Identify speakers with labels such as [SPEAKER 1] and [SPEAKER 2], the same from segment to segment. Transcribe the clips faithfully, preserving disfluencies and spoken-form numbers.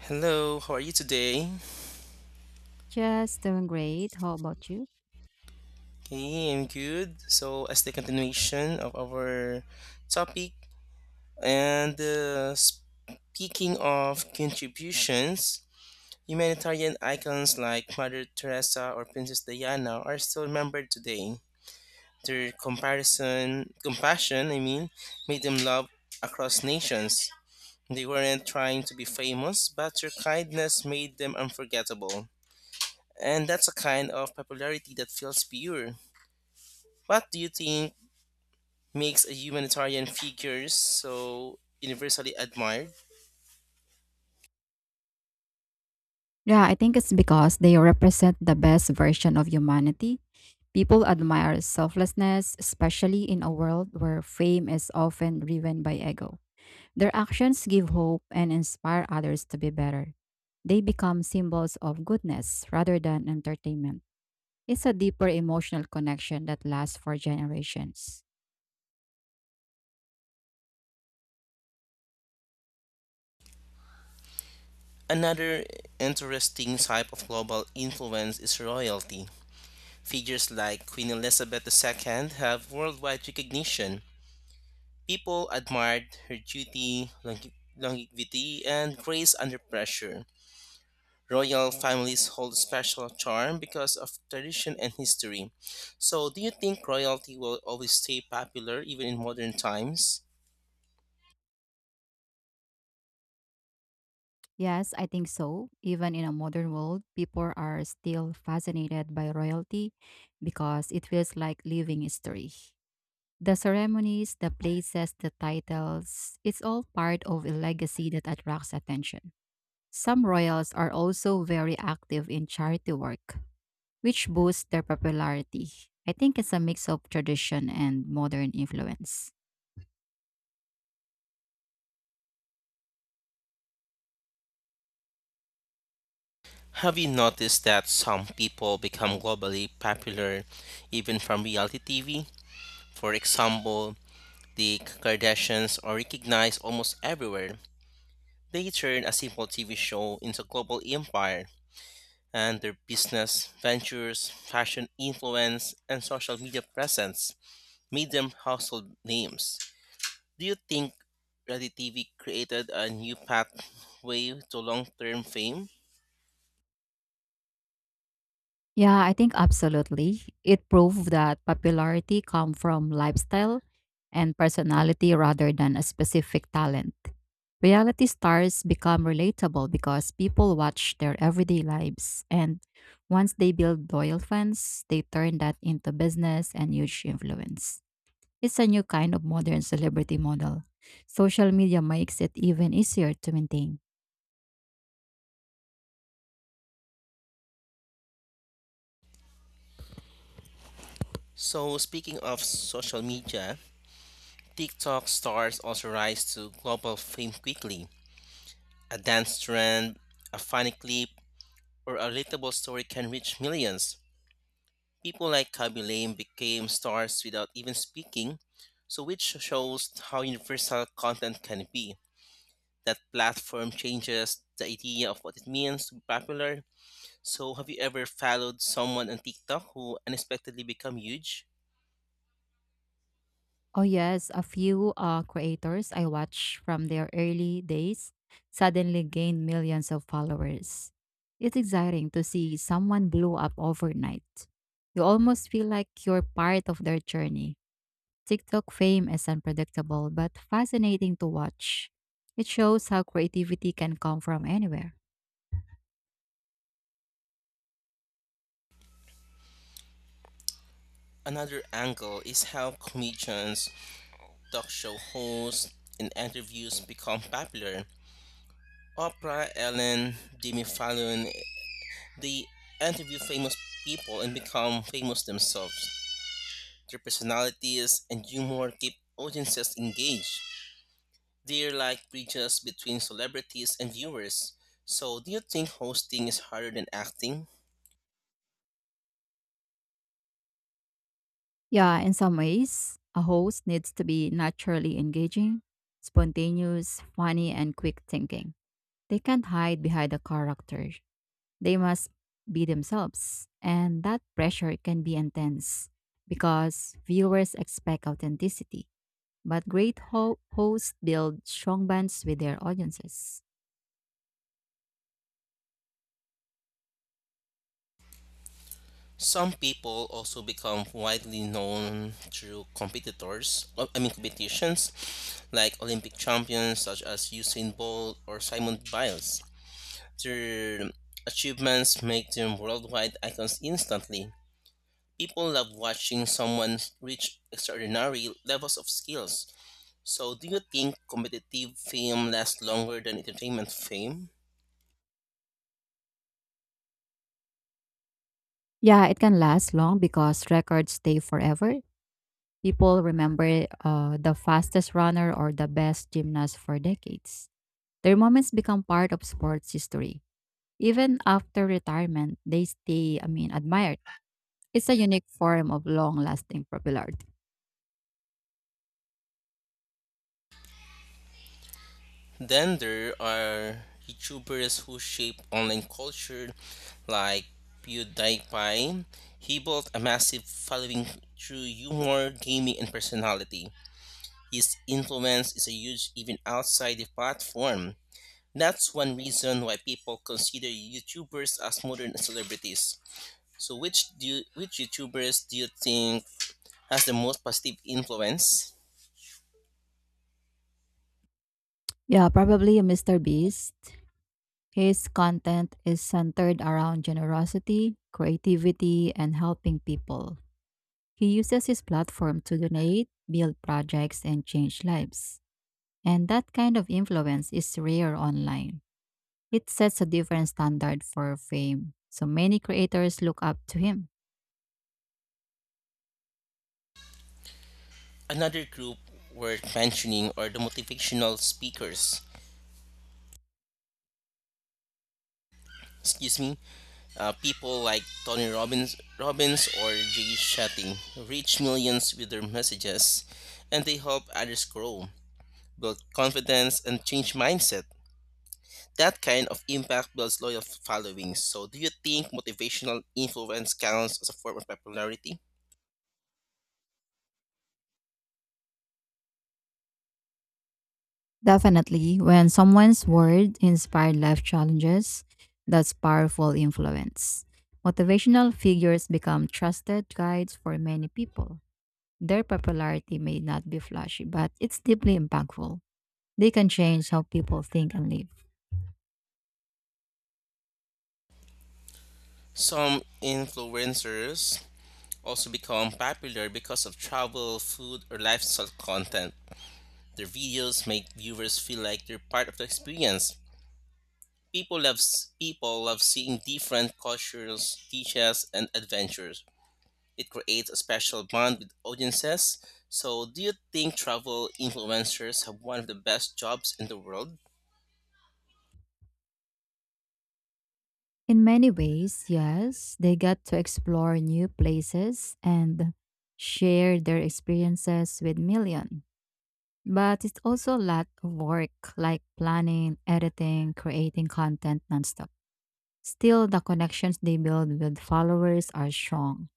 [SPEAKER 1] Hello, how are you today?
[SPEAKER 2] Just doing great. How about you?
[SPEAKER 1] Okay, I'm good. So, as the continuation of our topic, and uh, speaking of contributions, humanitarian icons like Mother Teresa or Princess Diana are still remembered today. Their comparison, compassion, I mean, made them loved across nations. They weren't trying to be famous, but their kindness made them unforgettable. And that's a kind of popularity that feels pure. What do you think makes a humanitarian figure so universally admired?
[SPEAKER 2] Yeah, I think it's because they represent the best version of humanity. People admire selflessness, especially in a world where fame is often driven by ego. Their actions give hope and inspire others to be better. They become symbols of goodness rather than entertainment. It's a deeper emotional connection that lasts for generations.
[SPEAKER 1] Another interesting type of global influence is royalty. Figures like Queen Elizabeth two have worldwide recognition. People admired her duty, longe- longevity, and grace under pressure. Royal families hold special charm because of tradition and history. So, do you think royalty will always stay popular even in modern times?
[SPEAKER 2] Yes, I think so. Even in a modern world, people are still fascinated by royalty because it feels like living history. The ceremonies, the places, the titles, it's all part of a legacy that attracts attention. Some royals are also very active in charity work, which boosts their popularity. I think it's a mix of tradition and modern influence.
[SPEAKER 1] Have you noticed that some people become globally popular even from reality T V? For example, the Kardashians are recognized almost everywhere. They turn a simple T V show into a global empire, and their business ventures, fashion influence, and social media presence made them household names. Do you think reality T V created a new pathway to long term fame?
[SPEAKER 2] Yeah, I think absolutely. It proved that popularity come from lifestyle and personality rather than a specific talent. Reality stars become relatable because people watch their everyday lives and once they build loyal fans, they turn that into business and huge influence. It's a new kind of modern celebrity model. Social media makes it even easier to maintain.
[SPEAKER 1] So, speaking of social media, TikTok stars also rise to global fame quickly. A dance trend, a funny clip, or a relatable story can reach millions. People like Kaby Lame became stars without even speaking, so which shows how universal content can be. That platform changes the idea of what it means to be popular. So have you ever followed someone on TikTok who unexpectedly become huge?
[SPEAKER 2] Oh yes, a few uh, creators I watch from their early days suddenly gained millions of followers. It's exciting to see someone blow up overnight. You almost feel like you're part of their journey. TikTok fame is unpredictable but fascinating to watch. It shows how creativity can come from anywhere.
[SPEAKER 1] Another angle is how comedians, talk show hosts, and interviews become popular. Oprah, Ellen, Jimmy Fallon, they interview famous people and become famous themselves. Their personalities and humor keep audiences engaged. They're like bridges between celebrities and viewers. So, do you think hosting is harder than acting?
[SPEAKER 2] Yeah, in some ways, a host needs to be naturally engaging, spontaneous, funny, and quick thinking. They can't hide behind a character. They must be themselves. And that pressure can be intense because viewers expect authenticity. But great ho- hosts build strong bonds with their audiences.
[SPEAKER 1] Some people also become widely known through competitors, uh, I mean competitions, like Olympic champions such as Usain Bolt or Simon Biles. Their achievements make them worldwide icons instantly. People love watching someone reach extraordinary levels of skills. So, do you think competitive fame lasts longer than entertainment fame?
[SPEAKER 2] Yeah, it can last long because records stay forever. People remember uh, the fastest runner or the best gymnast for decades. Their moments become part of sports history. Even after retirement, they stay, I mean, admired. It's a unique form of long-lasting popularity.
[SPEAKER 1] Then there are YouTubers who shape online culture, like PewDiePie. He built a massive following through humor, gaming, and personality. His influence is a huge even outside the platform. That's one reason why people consider YouTubers as modern celebrities. So, which do you, which YouTubers do you think has the most positive influence?
[SPEAKER 2] Yeah, probably a Mister Beast. His content is centered around generosity, creativity, and helping people. He uses his platform to donate, build projects, and change lives. And that kind of influence is rare online. It sets a different standard for fame, so many creators look up to him.
[SPEAKER 1] Another group worth mentioning are the motivational speakers. Excuse me. Uh, people like Tony Robbins, Robbins or Jay Shetty reach millions with their messages, and they help others grow, build confidence, and change mindset. That kind of impact builds loyal followings. So, do you think motivational influence counts as a form of popularity?
[SPEAKER 2] Definitely, when someone's word inspired life challenges, that's powerful influence. Motivational figures become trusted guides for many people. Their popularity may not be flashy, but it's deeply impactful. They can change how people think and live.
[SPEAKER 1] Some influencers also become popular because of travel, food, or lifestyle content. Their videos make viewers feel like they're part of the experience. People love s- people love seeing different cultures, teachers, and adventures. It creates a special bond with audiences. So, do you think travel influencers have one of the best jobs in the world?
[SPEAKER 2] In many ways, yes, they get to explore new places and share their experiences with millions. But it's also a lot of work like planning, editing, creating content nonstop. Still, the connections they build with followers are strong.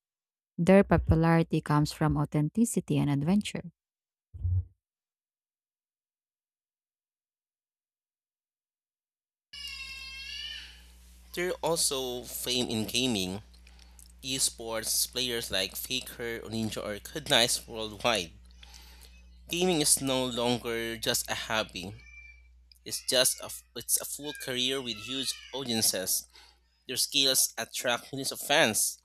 [SPEAKER 2] Their popularity comes from authenticity and adventure.
[SPEAKER 1] They're also famed in gaming. Esports players like Faker, Ninja are recognized worldwide. Gaming is no longer just a hobby. It's just a, f- it's a full career with huge audiences. Their skills attract millions of fans.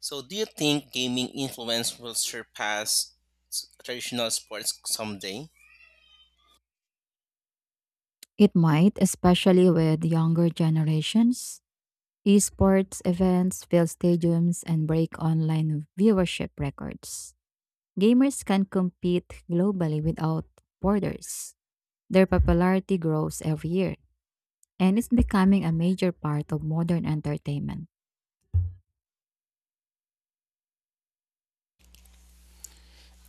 [SPEAKER 1] So, do you think gaming influence will surpass s- traditional sports someday?
[SPEAKER 2] It might, especially with younger generations. Esports events fill stadiums and break online viewership records. Gamers can compete globally without borders. Their popularity grows every year, and it's becoming a major part of modern entertainment.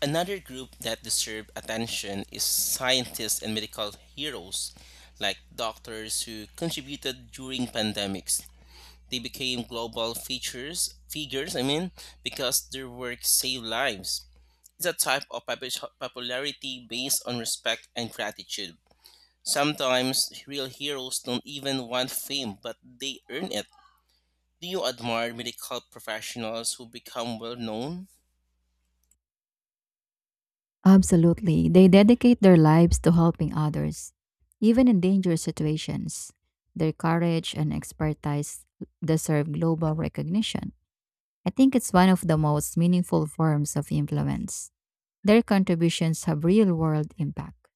[SPEAKER 1] Another group that deserve attention is scientists and medical heroes, like doctors who contributed during pandemics. They became global features figures, I mean, because their work saved lives. It's a type of popu- popularity based on respect and gratitude. Sometimes real heroes don't even want fame, but they earn it. Do you admire medical professionals who become well known?
[SPEAKER 2] Absolutely. They dedicate their lives to helping others, even in dangerous situations. Their courage and expertise deserve global recognition. I think it's one of the most meaningful forms of influence. Their contributions have real world impact.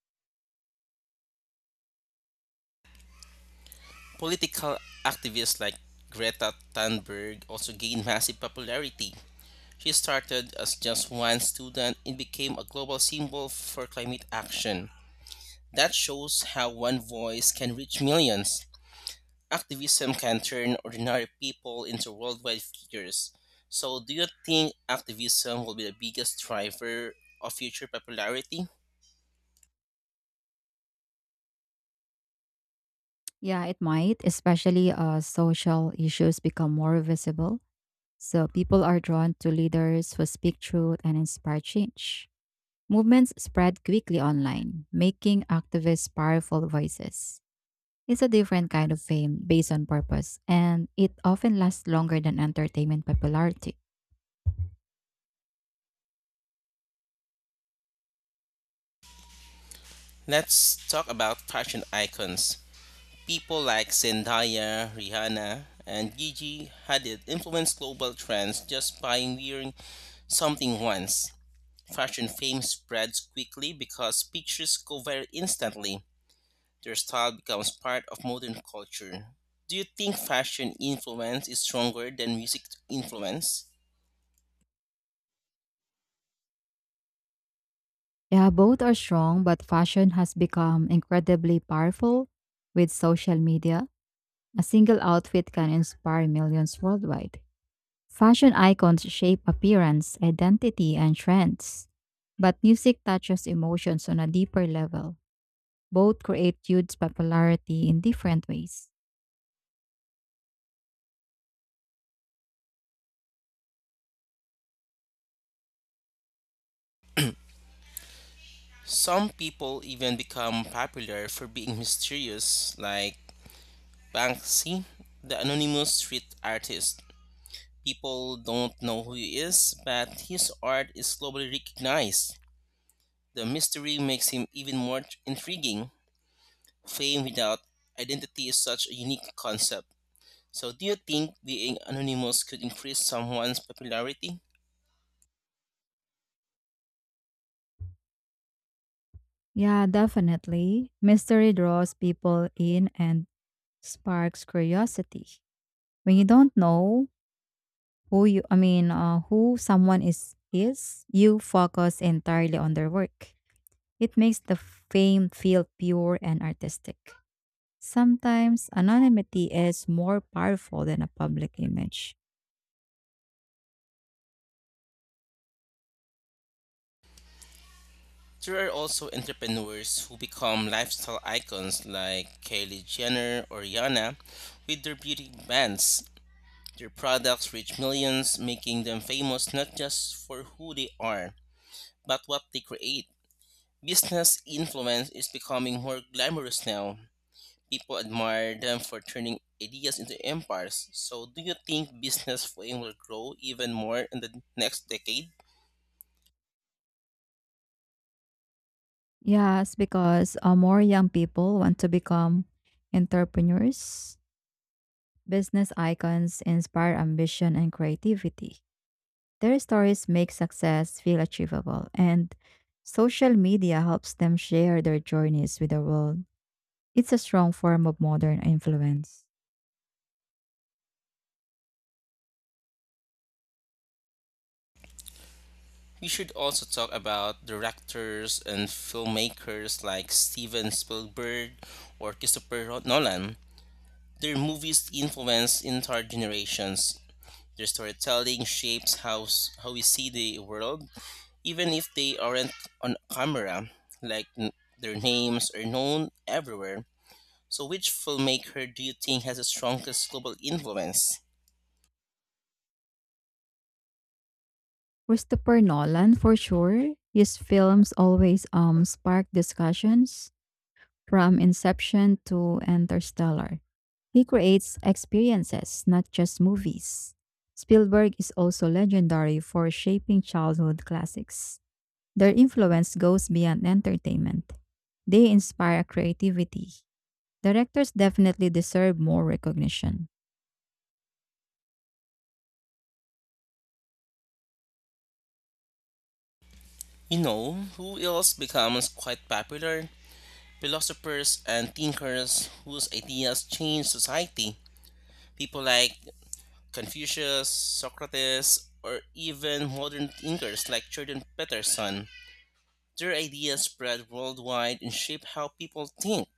[SPEAKER 1] Political activists like Greta Thunberg also gained massive popularity. She started as just one student and became a global symbol for climate action. That shows how one voice can reach millions. Activism can turn ordinary people into worldwide figures. So, do you think activism will be the biggest driver of future popularity?
[SPEAKER 2] Yeah, it might, especially as social issues become more visible. So people are drawn to leaders who speak truth and inspire change. Movements spread quickly online, making activists powerful voices. It's a different kind of fame based on purpose, and it often lasts longer than entertainment popularity.
[SPEAKER 1] Let's talk about fashion icons. People like Zendaya, Rihanna, and Gigi Hadid influenced global trends just by wearing something once. Fashion fame spreads quickly because pictures go viral instantly. Their style becomes part of modern culture. Do you think fashion influence is stronger than music influence?
[SPEAKER 2] Yeah, both are strong, but fashion has become incredibly powerful with social media. A single outfit can inspire millions worldwide. Fashion icons shape appearance, identity, and trends, but music touches emotions on a deeper level. Both create huge popularity in different ways.
[SPEAKER 1] Some people even become popular for being mysterious, like Banksy, the anonymous street artist. People don't know who he is, but his art is globally recognized. The mystery makes him even more tr- intriguing. Fame without identity is such a unique concept. So, do you think being anonymous could increase someone's popularity?
[SPEAKER 2] Yeah, definitely. Mystery draws people in and sparks curiosity. When you don't know who you, I mean, uh, who someone is is, you focus entirely on their work. It makes the fame feel pure and artistic. Sometimes anonymity is more powerful than a public image.
[SPEAKER 1] There are also entrepreneurs who become lifestyle icons like Kylie Jenner or Rihanna with their beauty brands. Their products reach millions, making them famous not just for who they are, but what they create. Business influence is becoming more glamorous now. People admire them for turning ideas into empires. So, do you think business fame will grow even more in the next decade?
[SPEAKER 2] Yes, because uh, more young people want to become entrepreneurs. Business icons inspire ambition and creativity. Their stories make success feel achievable, and social media helps them share their journeys with the world. It's a strong form of modern influence.
[SPEAKER 1] We should also talk about directors and filmmakers like Steven Spielberg or Christopher Nolan. Their movies influence entire generations. Their storytelling shapes how, s- how we see the world, even if they aren't on camera, like n- their names are known everywhere. So, which filmmaker do you think has the strongest global influence?
[SPEAKER 2] Christopher Nolan, for sure, his films always um, spark discussions from Inception to Interstellar. He creates experiences, not just movies. Spielberg is also legendary for shaping childhood classics. Their influence goes beyond entertainment. They inspire creativity. Directors definitely deserve more recognition.
[SPEAKER 1] You know, who else becomes quite popular? Philosophers and thinkers whose ideas change society. People like Confucius, Socrates, or even modern thinkers like Jordan Peterson. Their ideas spread worldwide and shape how people think.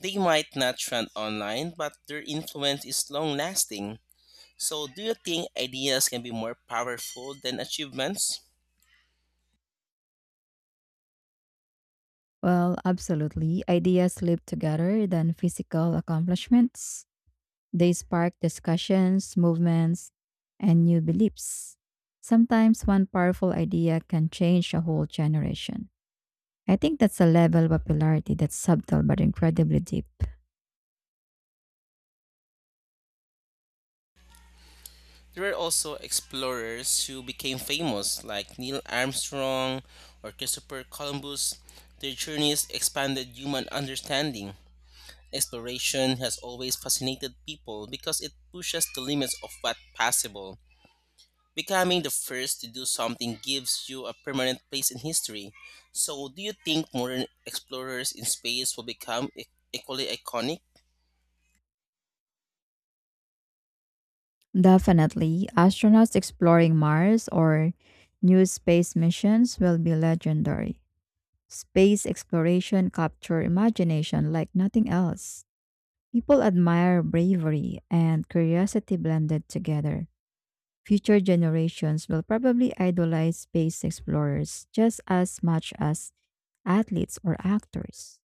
[SPEAKER 1] They might not trend online, but their influence is long lasting. So, do you think ideas can be more powerful than achievements?
[SPEAKER 2] Well, absolutely. Ideas live together than physical accomplishments. They spark discussions, movements, and new beliefs. Sometimes one powerful idea can change a whole generation. I think that's a level of popularity that's subtle but incredibly deep.
[SPEAKER 1] There were also explorers who became famous, like Neil Armstrong or Christopher Columbus. Their journeys expanded human understanding. Exploration has always fascinated people because it pushes the limits of what's possible. Becoming the first to do something gives you a permanent place in history. So, do you think modern explorers in space will become e- equally iconic?
[SPEAKER 2] Definitely, astronauts exploring Mars or new space missions will be legendary. Space exploration capture imagination like nothing else. People admire bravery and curiosity blended together. Future generations will probably idolize space explorers just as much as athletes or actors.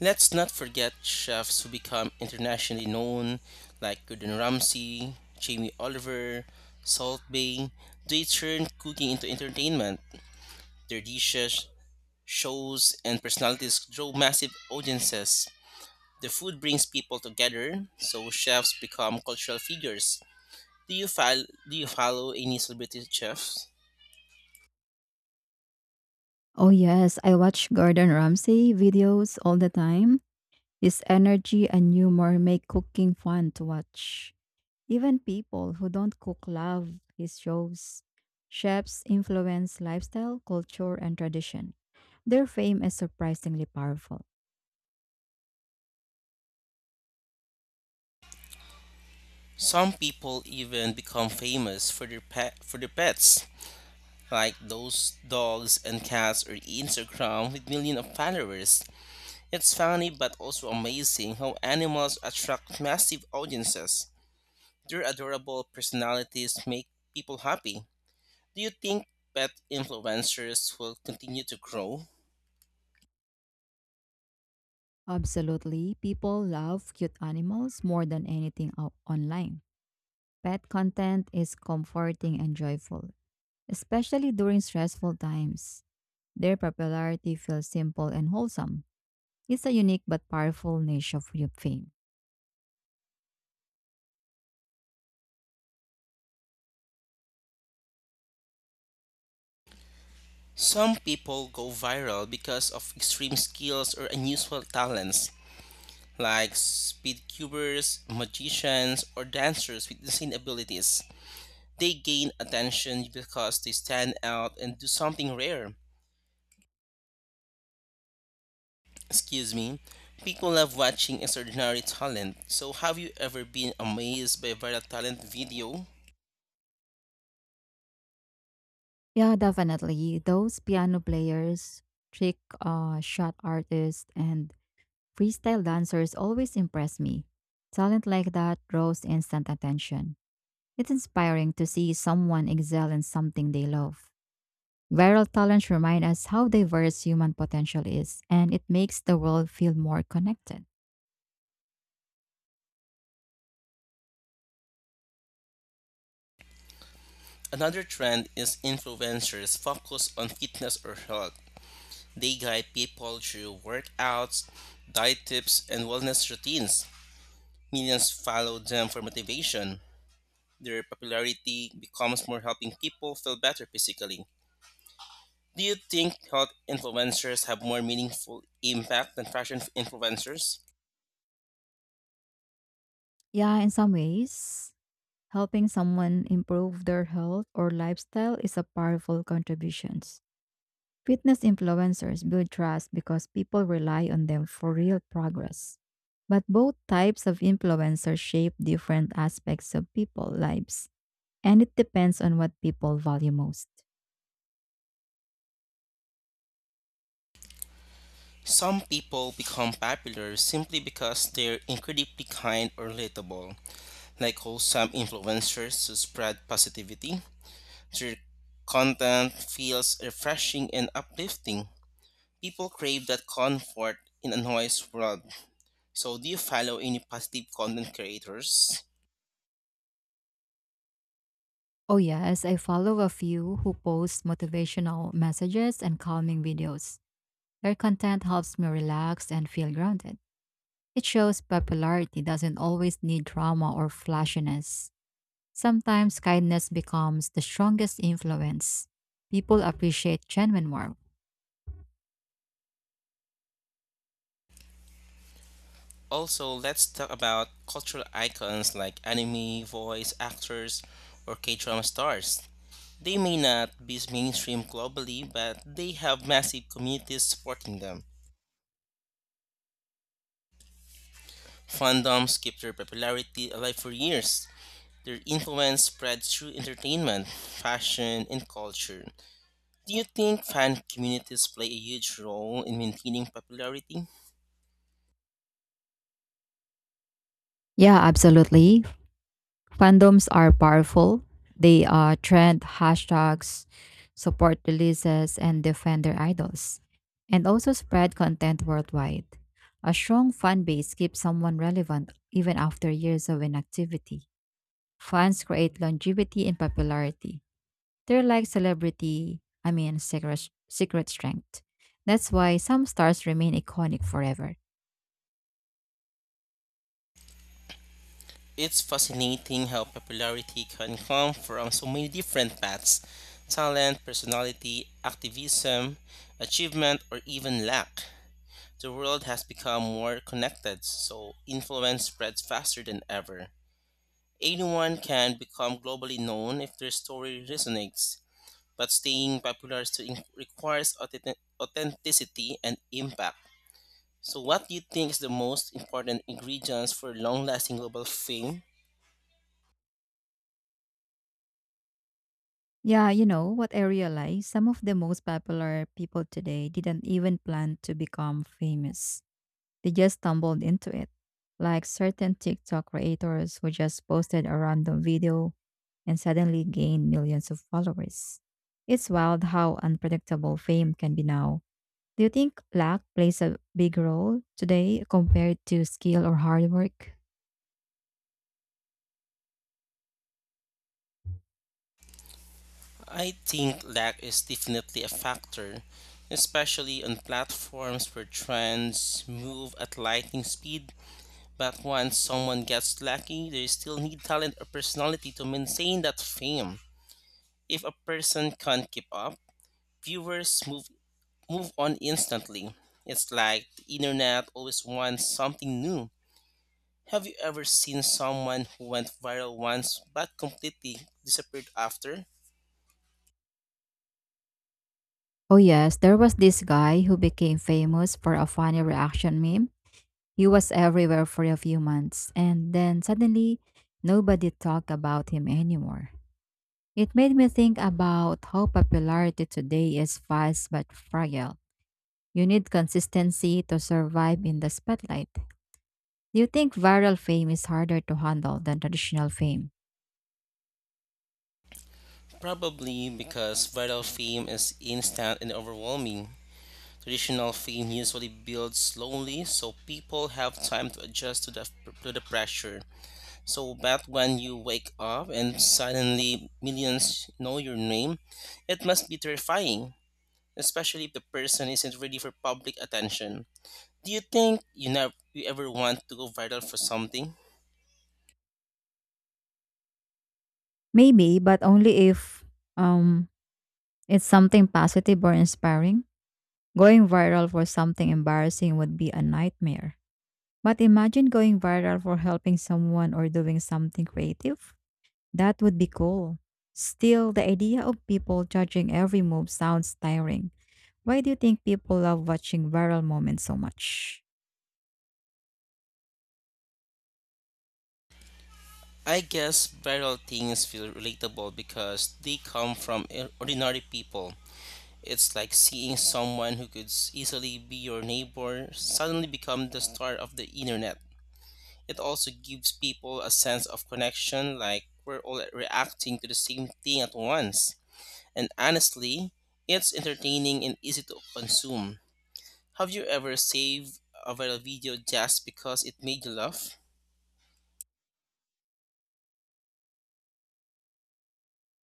[SPEAKER 1] Let's not forget chefs who become internationally known, like Gordon Ramsay, Jamie Oliver, Salt Bay. They turn cooking into entertainment. Their dishes, shows, and personalities draw massive audiences. The food brings people together, so chefs become cultural figures. Do you fol- do you follow any celebrity chefs?
[SPEAKER 2] Oh yes, I watch Gordon Ramsay videos all the time. His energy and humor make cooking fun to watch. Even people who don't cook love his shows. Chefs influence lifestyle, culture, and tradition. Their fame is surprisingly powerful.
[SPEAKER 1] Some people even become famous for their pet for their pets, like those dogs and cats or Instagram with millions of followers. It's funny but also amazing how animals attract massive audiences. Their adorable personalities make people happy. Do you think pet influencers will continue to grow?
[SPEAKER 2] Absolutely, people love cute animals more than anything o- online. Pet content is comforting and joyful, especially during stressful times. Their popularity feels simple and wholesome. It's a unique but powerful niche of fame.
[SPEAKER 1] Some people go viral because of extreme skills or unusual talents like speed cubers, magicians, or dancers with insane abilities. They gain attention because they stand out and do something rare. Excuse me. People love watching extraordinary talent. So, have you ever been amazed by a viral talent video?
[SPEAKER 2] Yeah, definitely. Those piano players, trick uh, shot artists, and freestyle dancers always impress me. Talent like that draws instant attention. It's inspiring to see someone excel in something they love. Viral talents remind us how diverse human potential is, and it makes the world feel more connected.
[SPEAKER 1] Another trend is influencers focus on fitness or health. They guide people through workouts, diet tips, and wellness routines. Millions follow them for motivation. Their popularity becomes more helping people feel better physically. Do you think health influencers have more meaningful impact than fashion influencers?
[SPEAKER 2] Yeah, in some ways, helping someone improve their health or lifestyle is a powerful contribution. Fitness influencers build trust because people rely on them for real progress. But both types of influencers shape different aspects of people's lives, and it depends on what people value most.
[SPEAKER 1] Some people become popular simply because they're incredibly kind or relatable, like wholesome influencers who spread positivity. Their content feels refreshing and uplifting. People crave that comfort in a noise world. So, do you follow any positive content creators?
[SPEAKER 2] Oh, yes, I follow a few who post motivational messages and calming videos. Their content helps me relax and feel grounded. It shows popularity doesn't always need drama or flashiness. Sometimes kindness becomes the strongest influence. People appreciate genuine warmth.
[SPEAKER 1] Also, let's talk about cultural icons like anime voice actors or K drama stars. They may not be mainstream globally, but they have massive communities supporting them. Fandoms keep their popularity alive for years. Their influence spreads through entertainment, fashion, and culture. Do you think fan communities play a huge role in maintaining popularity?
[SPEAKER 2] Yeah, absolutely. Fandoms are powerful. They uh, trend hashtags, support releases, and defend their idols, and also spread content worldwide. A strong fan base keeps someone relevant even after years of inactivity. Fans create longevity in popularity. They're like celebrity, I mean, secret, secret strength. That's why some stars remain iconic forever.
[SPEAKER 1] It's fascinating how popularity can come from so many different paths: talent, personality, activism, achievement, or even lack. The world has become more connected, so influence spreads faster than ever. Anyone can become globally known if their story resonates, but staying popular still in- requires authentic- authenticity and impact. So, what do you think is the most important ingredients for long lasting global fame?
[SPEAKER 2] Yeah, you know what I realized? Some of the most popular people today didn't even plan to become famous, they just stumbled into it. Like certain TikTok creators who just posted a random video and suddenly gained millions of followers. It's wild how unpredictable fame can be now. Do you think luck plays a big role today compared to skill or hard work?
[SPEAKER 1] I think lag is definitely a factor, especially on platforms where trends move at lightning speed. But once someone gets lucky, they still need talent or personality to maintain that fame. If a person can't keep up, viewers move move on instantly. It's like the internet always wants something new. Have you ever seen someone who went viral once but completely disappeared after?
[SPEAKER 2] Oh yes, there was this guy who became famous for a funny reaction meme. He was everywhere for a few months, and then suddenly nobody talked about him anymore. It made me think about how popularity today is fast but fragile. You need consistency to survive in the spotlight. Do you think viral fame is harder to handle than traditional fame?
[SPEAKER 1] Probably because viral fame is instant and overwhelming. Traditional fame usually builds slowly, so people have time to adjust to the, to the pressure. So, but when you wake up and suddenly millions know your name, it must be terrifying, especially if the person isn't ready for public attention. Do you think you, never, you ever want to go viral for something?
[SPEAKER 2] Maybe, but only if um it's something positive or inspiring. Going viral for something embarrassing would be a nightmare. But imagine going viral for helping someone or doing something creative. That would be cool. Still, the idea of people judging every move sounds tiring. Why do you think people love watching viral moments so much?
[SPEAKER 1] I guess viral things feel relatable because they come from eh, ordinary people. It's like seeing someone who could easily be your neighbor suddenly become the star of the internet. It also gives people a sense of connection, like we're all reacting to the same thing at once. And honestly, it's entertaining and easy to consume. Have you ever saved a viral video just because it made you laugh?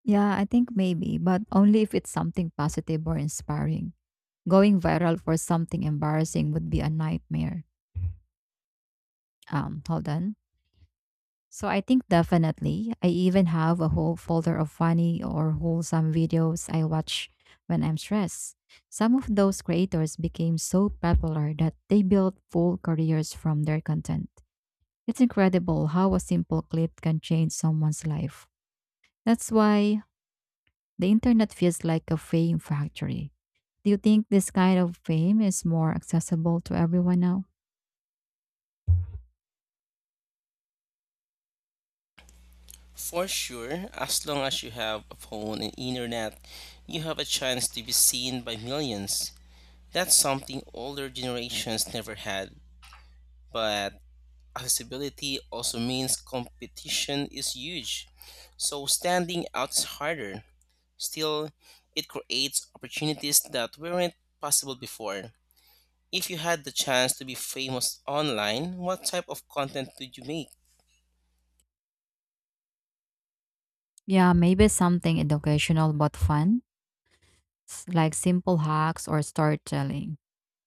[SPEAKER 2] Yeah, I think maybe, but only if it's something positive or inspiring. Going viral for something embarrassing would be a nightmare. Um, hold on. So I think definitely. I even have a whole folder of funny or wholesome videos I watch when I'm stressed. Some of those creators became so popular that they built full careers from their content. It's incredible how a simple clip can change someone's life. That's why the internet feels like a fame factory. Do you think this kind of fame is more accessible to everyone now?
[SPEAKER 1] For sure, as long as you have a phone and internet, you have a chance to be seen by millions. That's something older generations never had, but accessibility also means competition is huge. So standing out is harder. Still, it creates opportunities that weren't possible before. If you had the chance to be famous online, what type of content would you make?
[SPEAKER 2] Yeah, maybe something educational but fun s- like simple hacks or storytelling.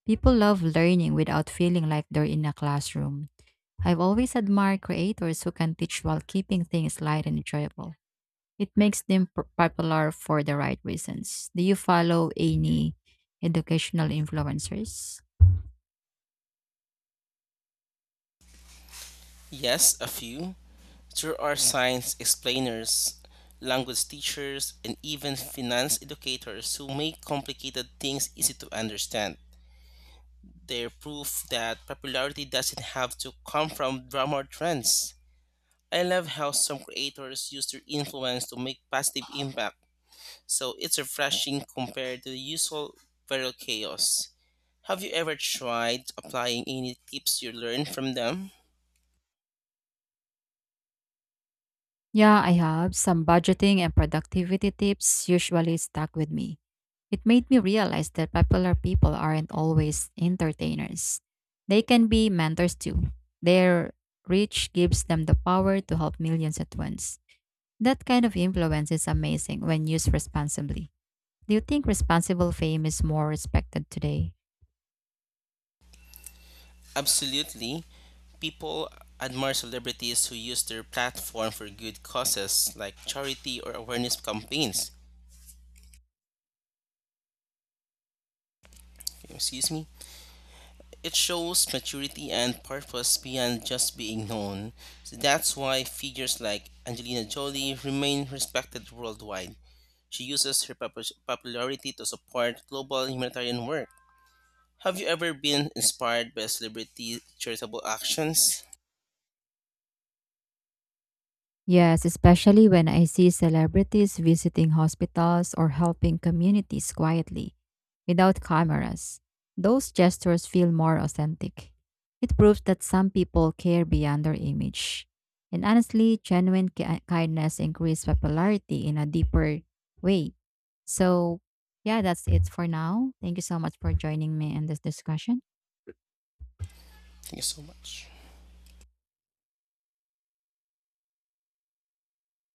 [SPEAKER 2] People love learning without feeling like they're in a classroom. I've always admired creators who can teach while keeping things light and enjoyable. It makes them p- popular for the right reasons. Do you follow any educational influencers?
[SPEAKER 1] Yes, a few. There are science explainers, language teachers, and even finance educators who make complicated things easy to understand. They prove that popularity doesn't have to come from drama trends. I love how some creators use their influence to make positive impact, so it's refreshing compared to the usual viral chaos. Have you ever tried applying any tips you learned from them?
[SPEAKER 2] Yeah, I have. Some budgeting and productivity tips usually stuck with me. It made me realize that popular people aren't always entertainers. They can be mentors too. Their reach gives them the power to help millions at once. That kind of influence is amazing when used responsibly. Do you think responsible fame is more respected today?
[SPEAKER 1] Absolutely. People admire celebrities who use their platform for good causes like charity or awareness campaigns. Excuse me? It shows maturity and purpose beyond just being known. So that's why figures like Angelina Jolie remain respected worldwide. She uses her popu- popularity to support global humanitarian work. Have you ever been inspired by celebrity charitable actions?
[SPEAKER 2] Yes, especially when I see celebrities visiting hospitals or helping communities quietly, without cameras. Those gestures feel more authentic. It proves that some people care beyond their image. And honestly, genuine ki- kindness increases popularity in a deeper way. So, yeah, that's it for now. Thank you so much for joining me in this discussion.
[SPEAKER 1] Thank you so much.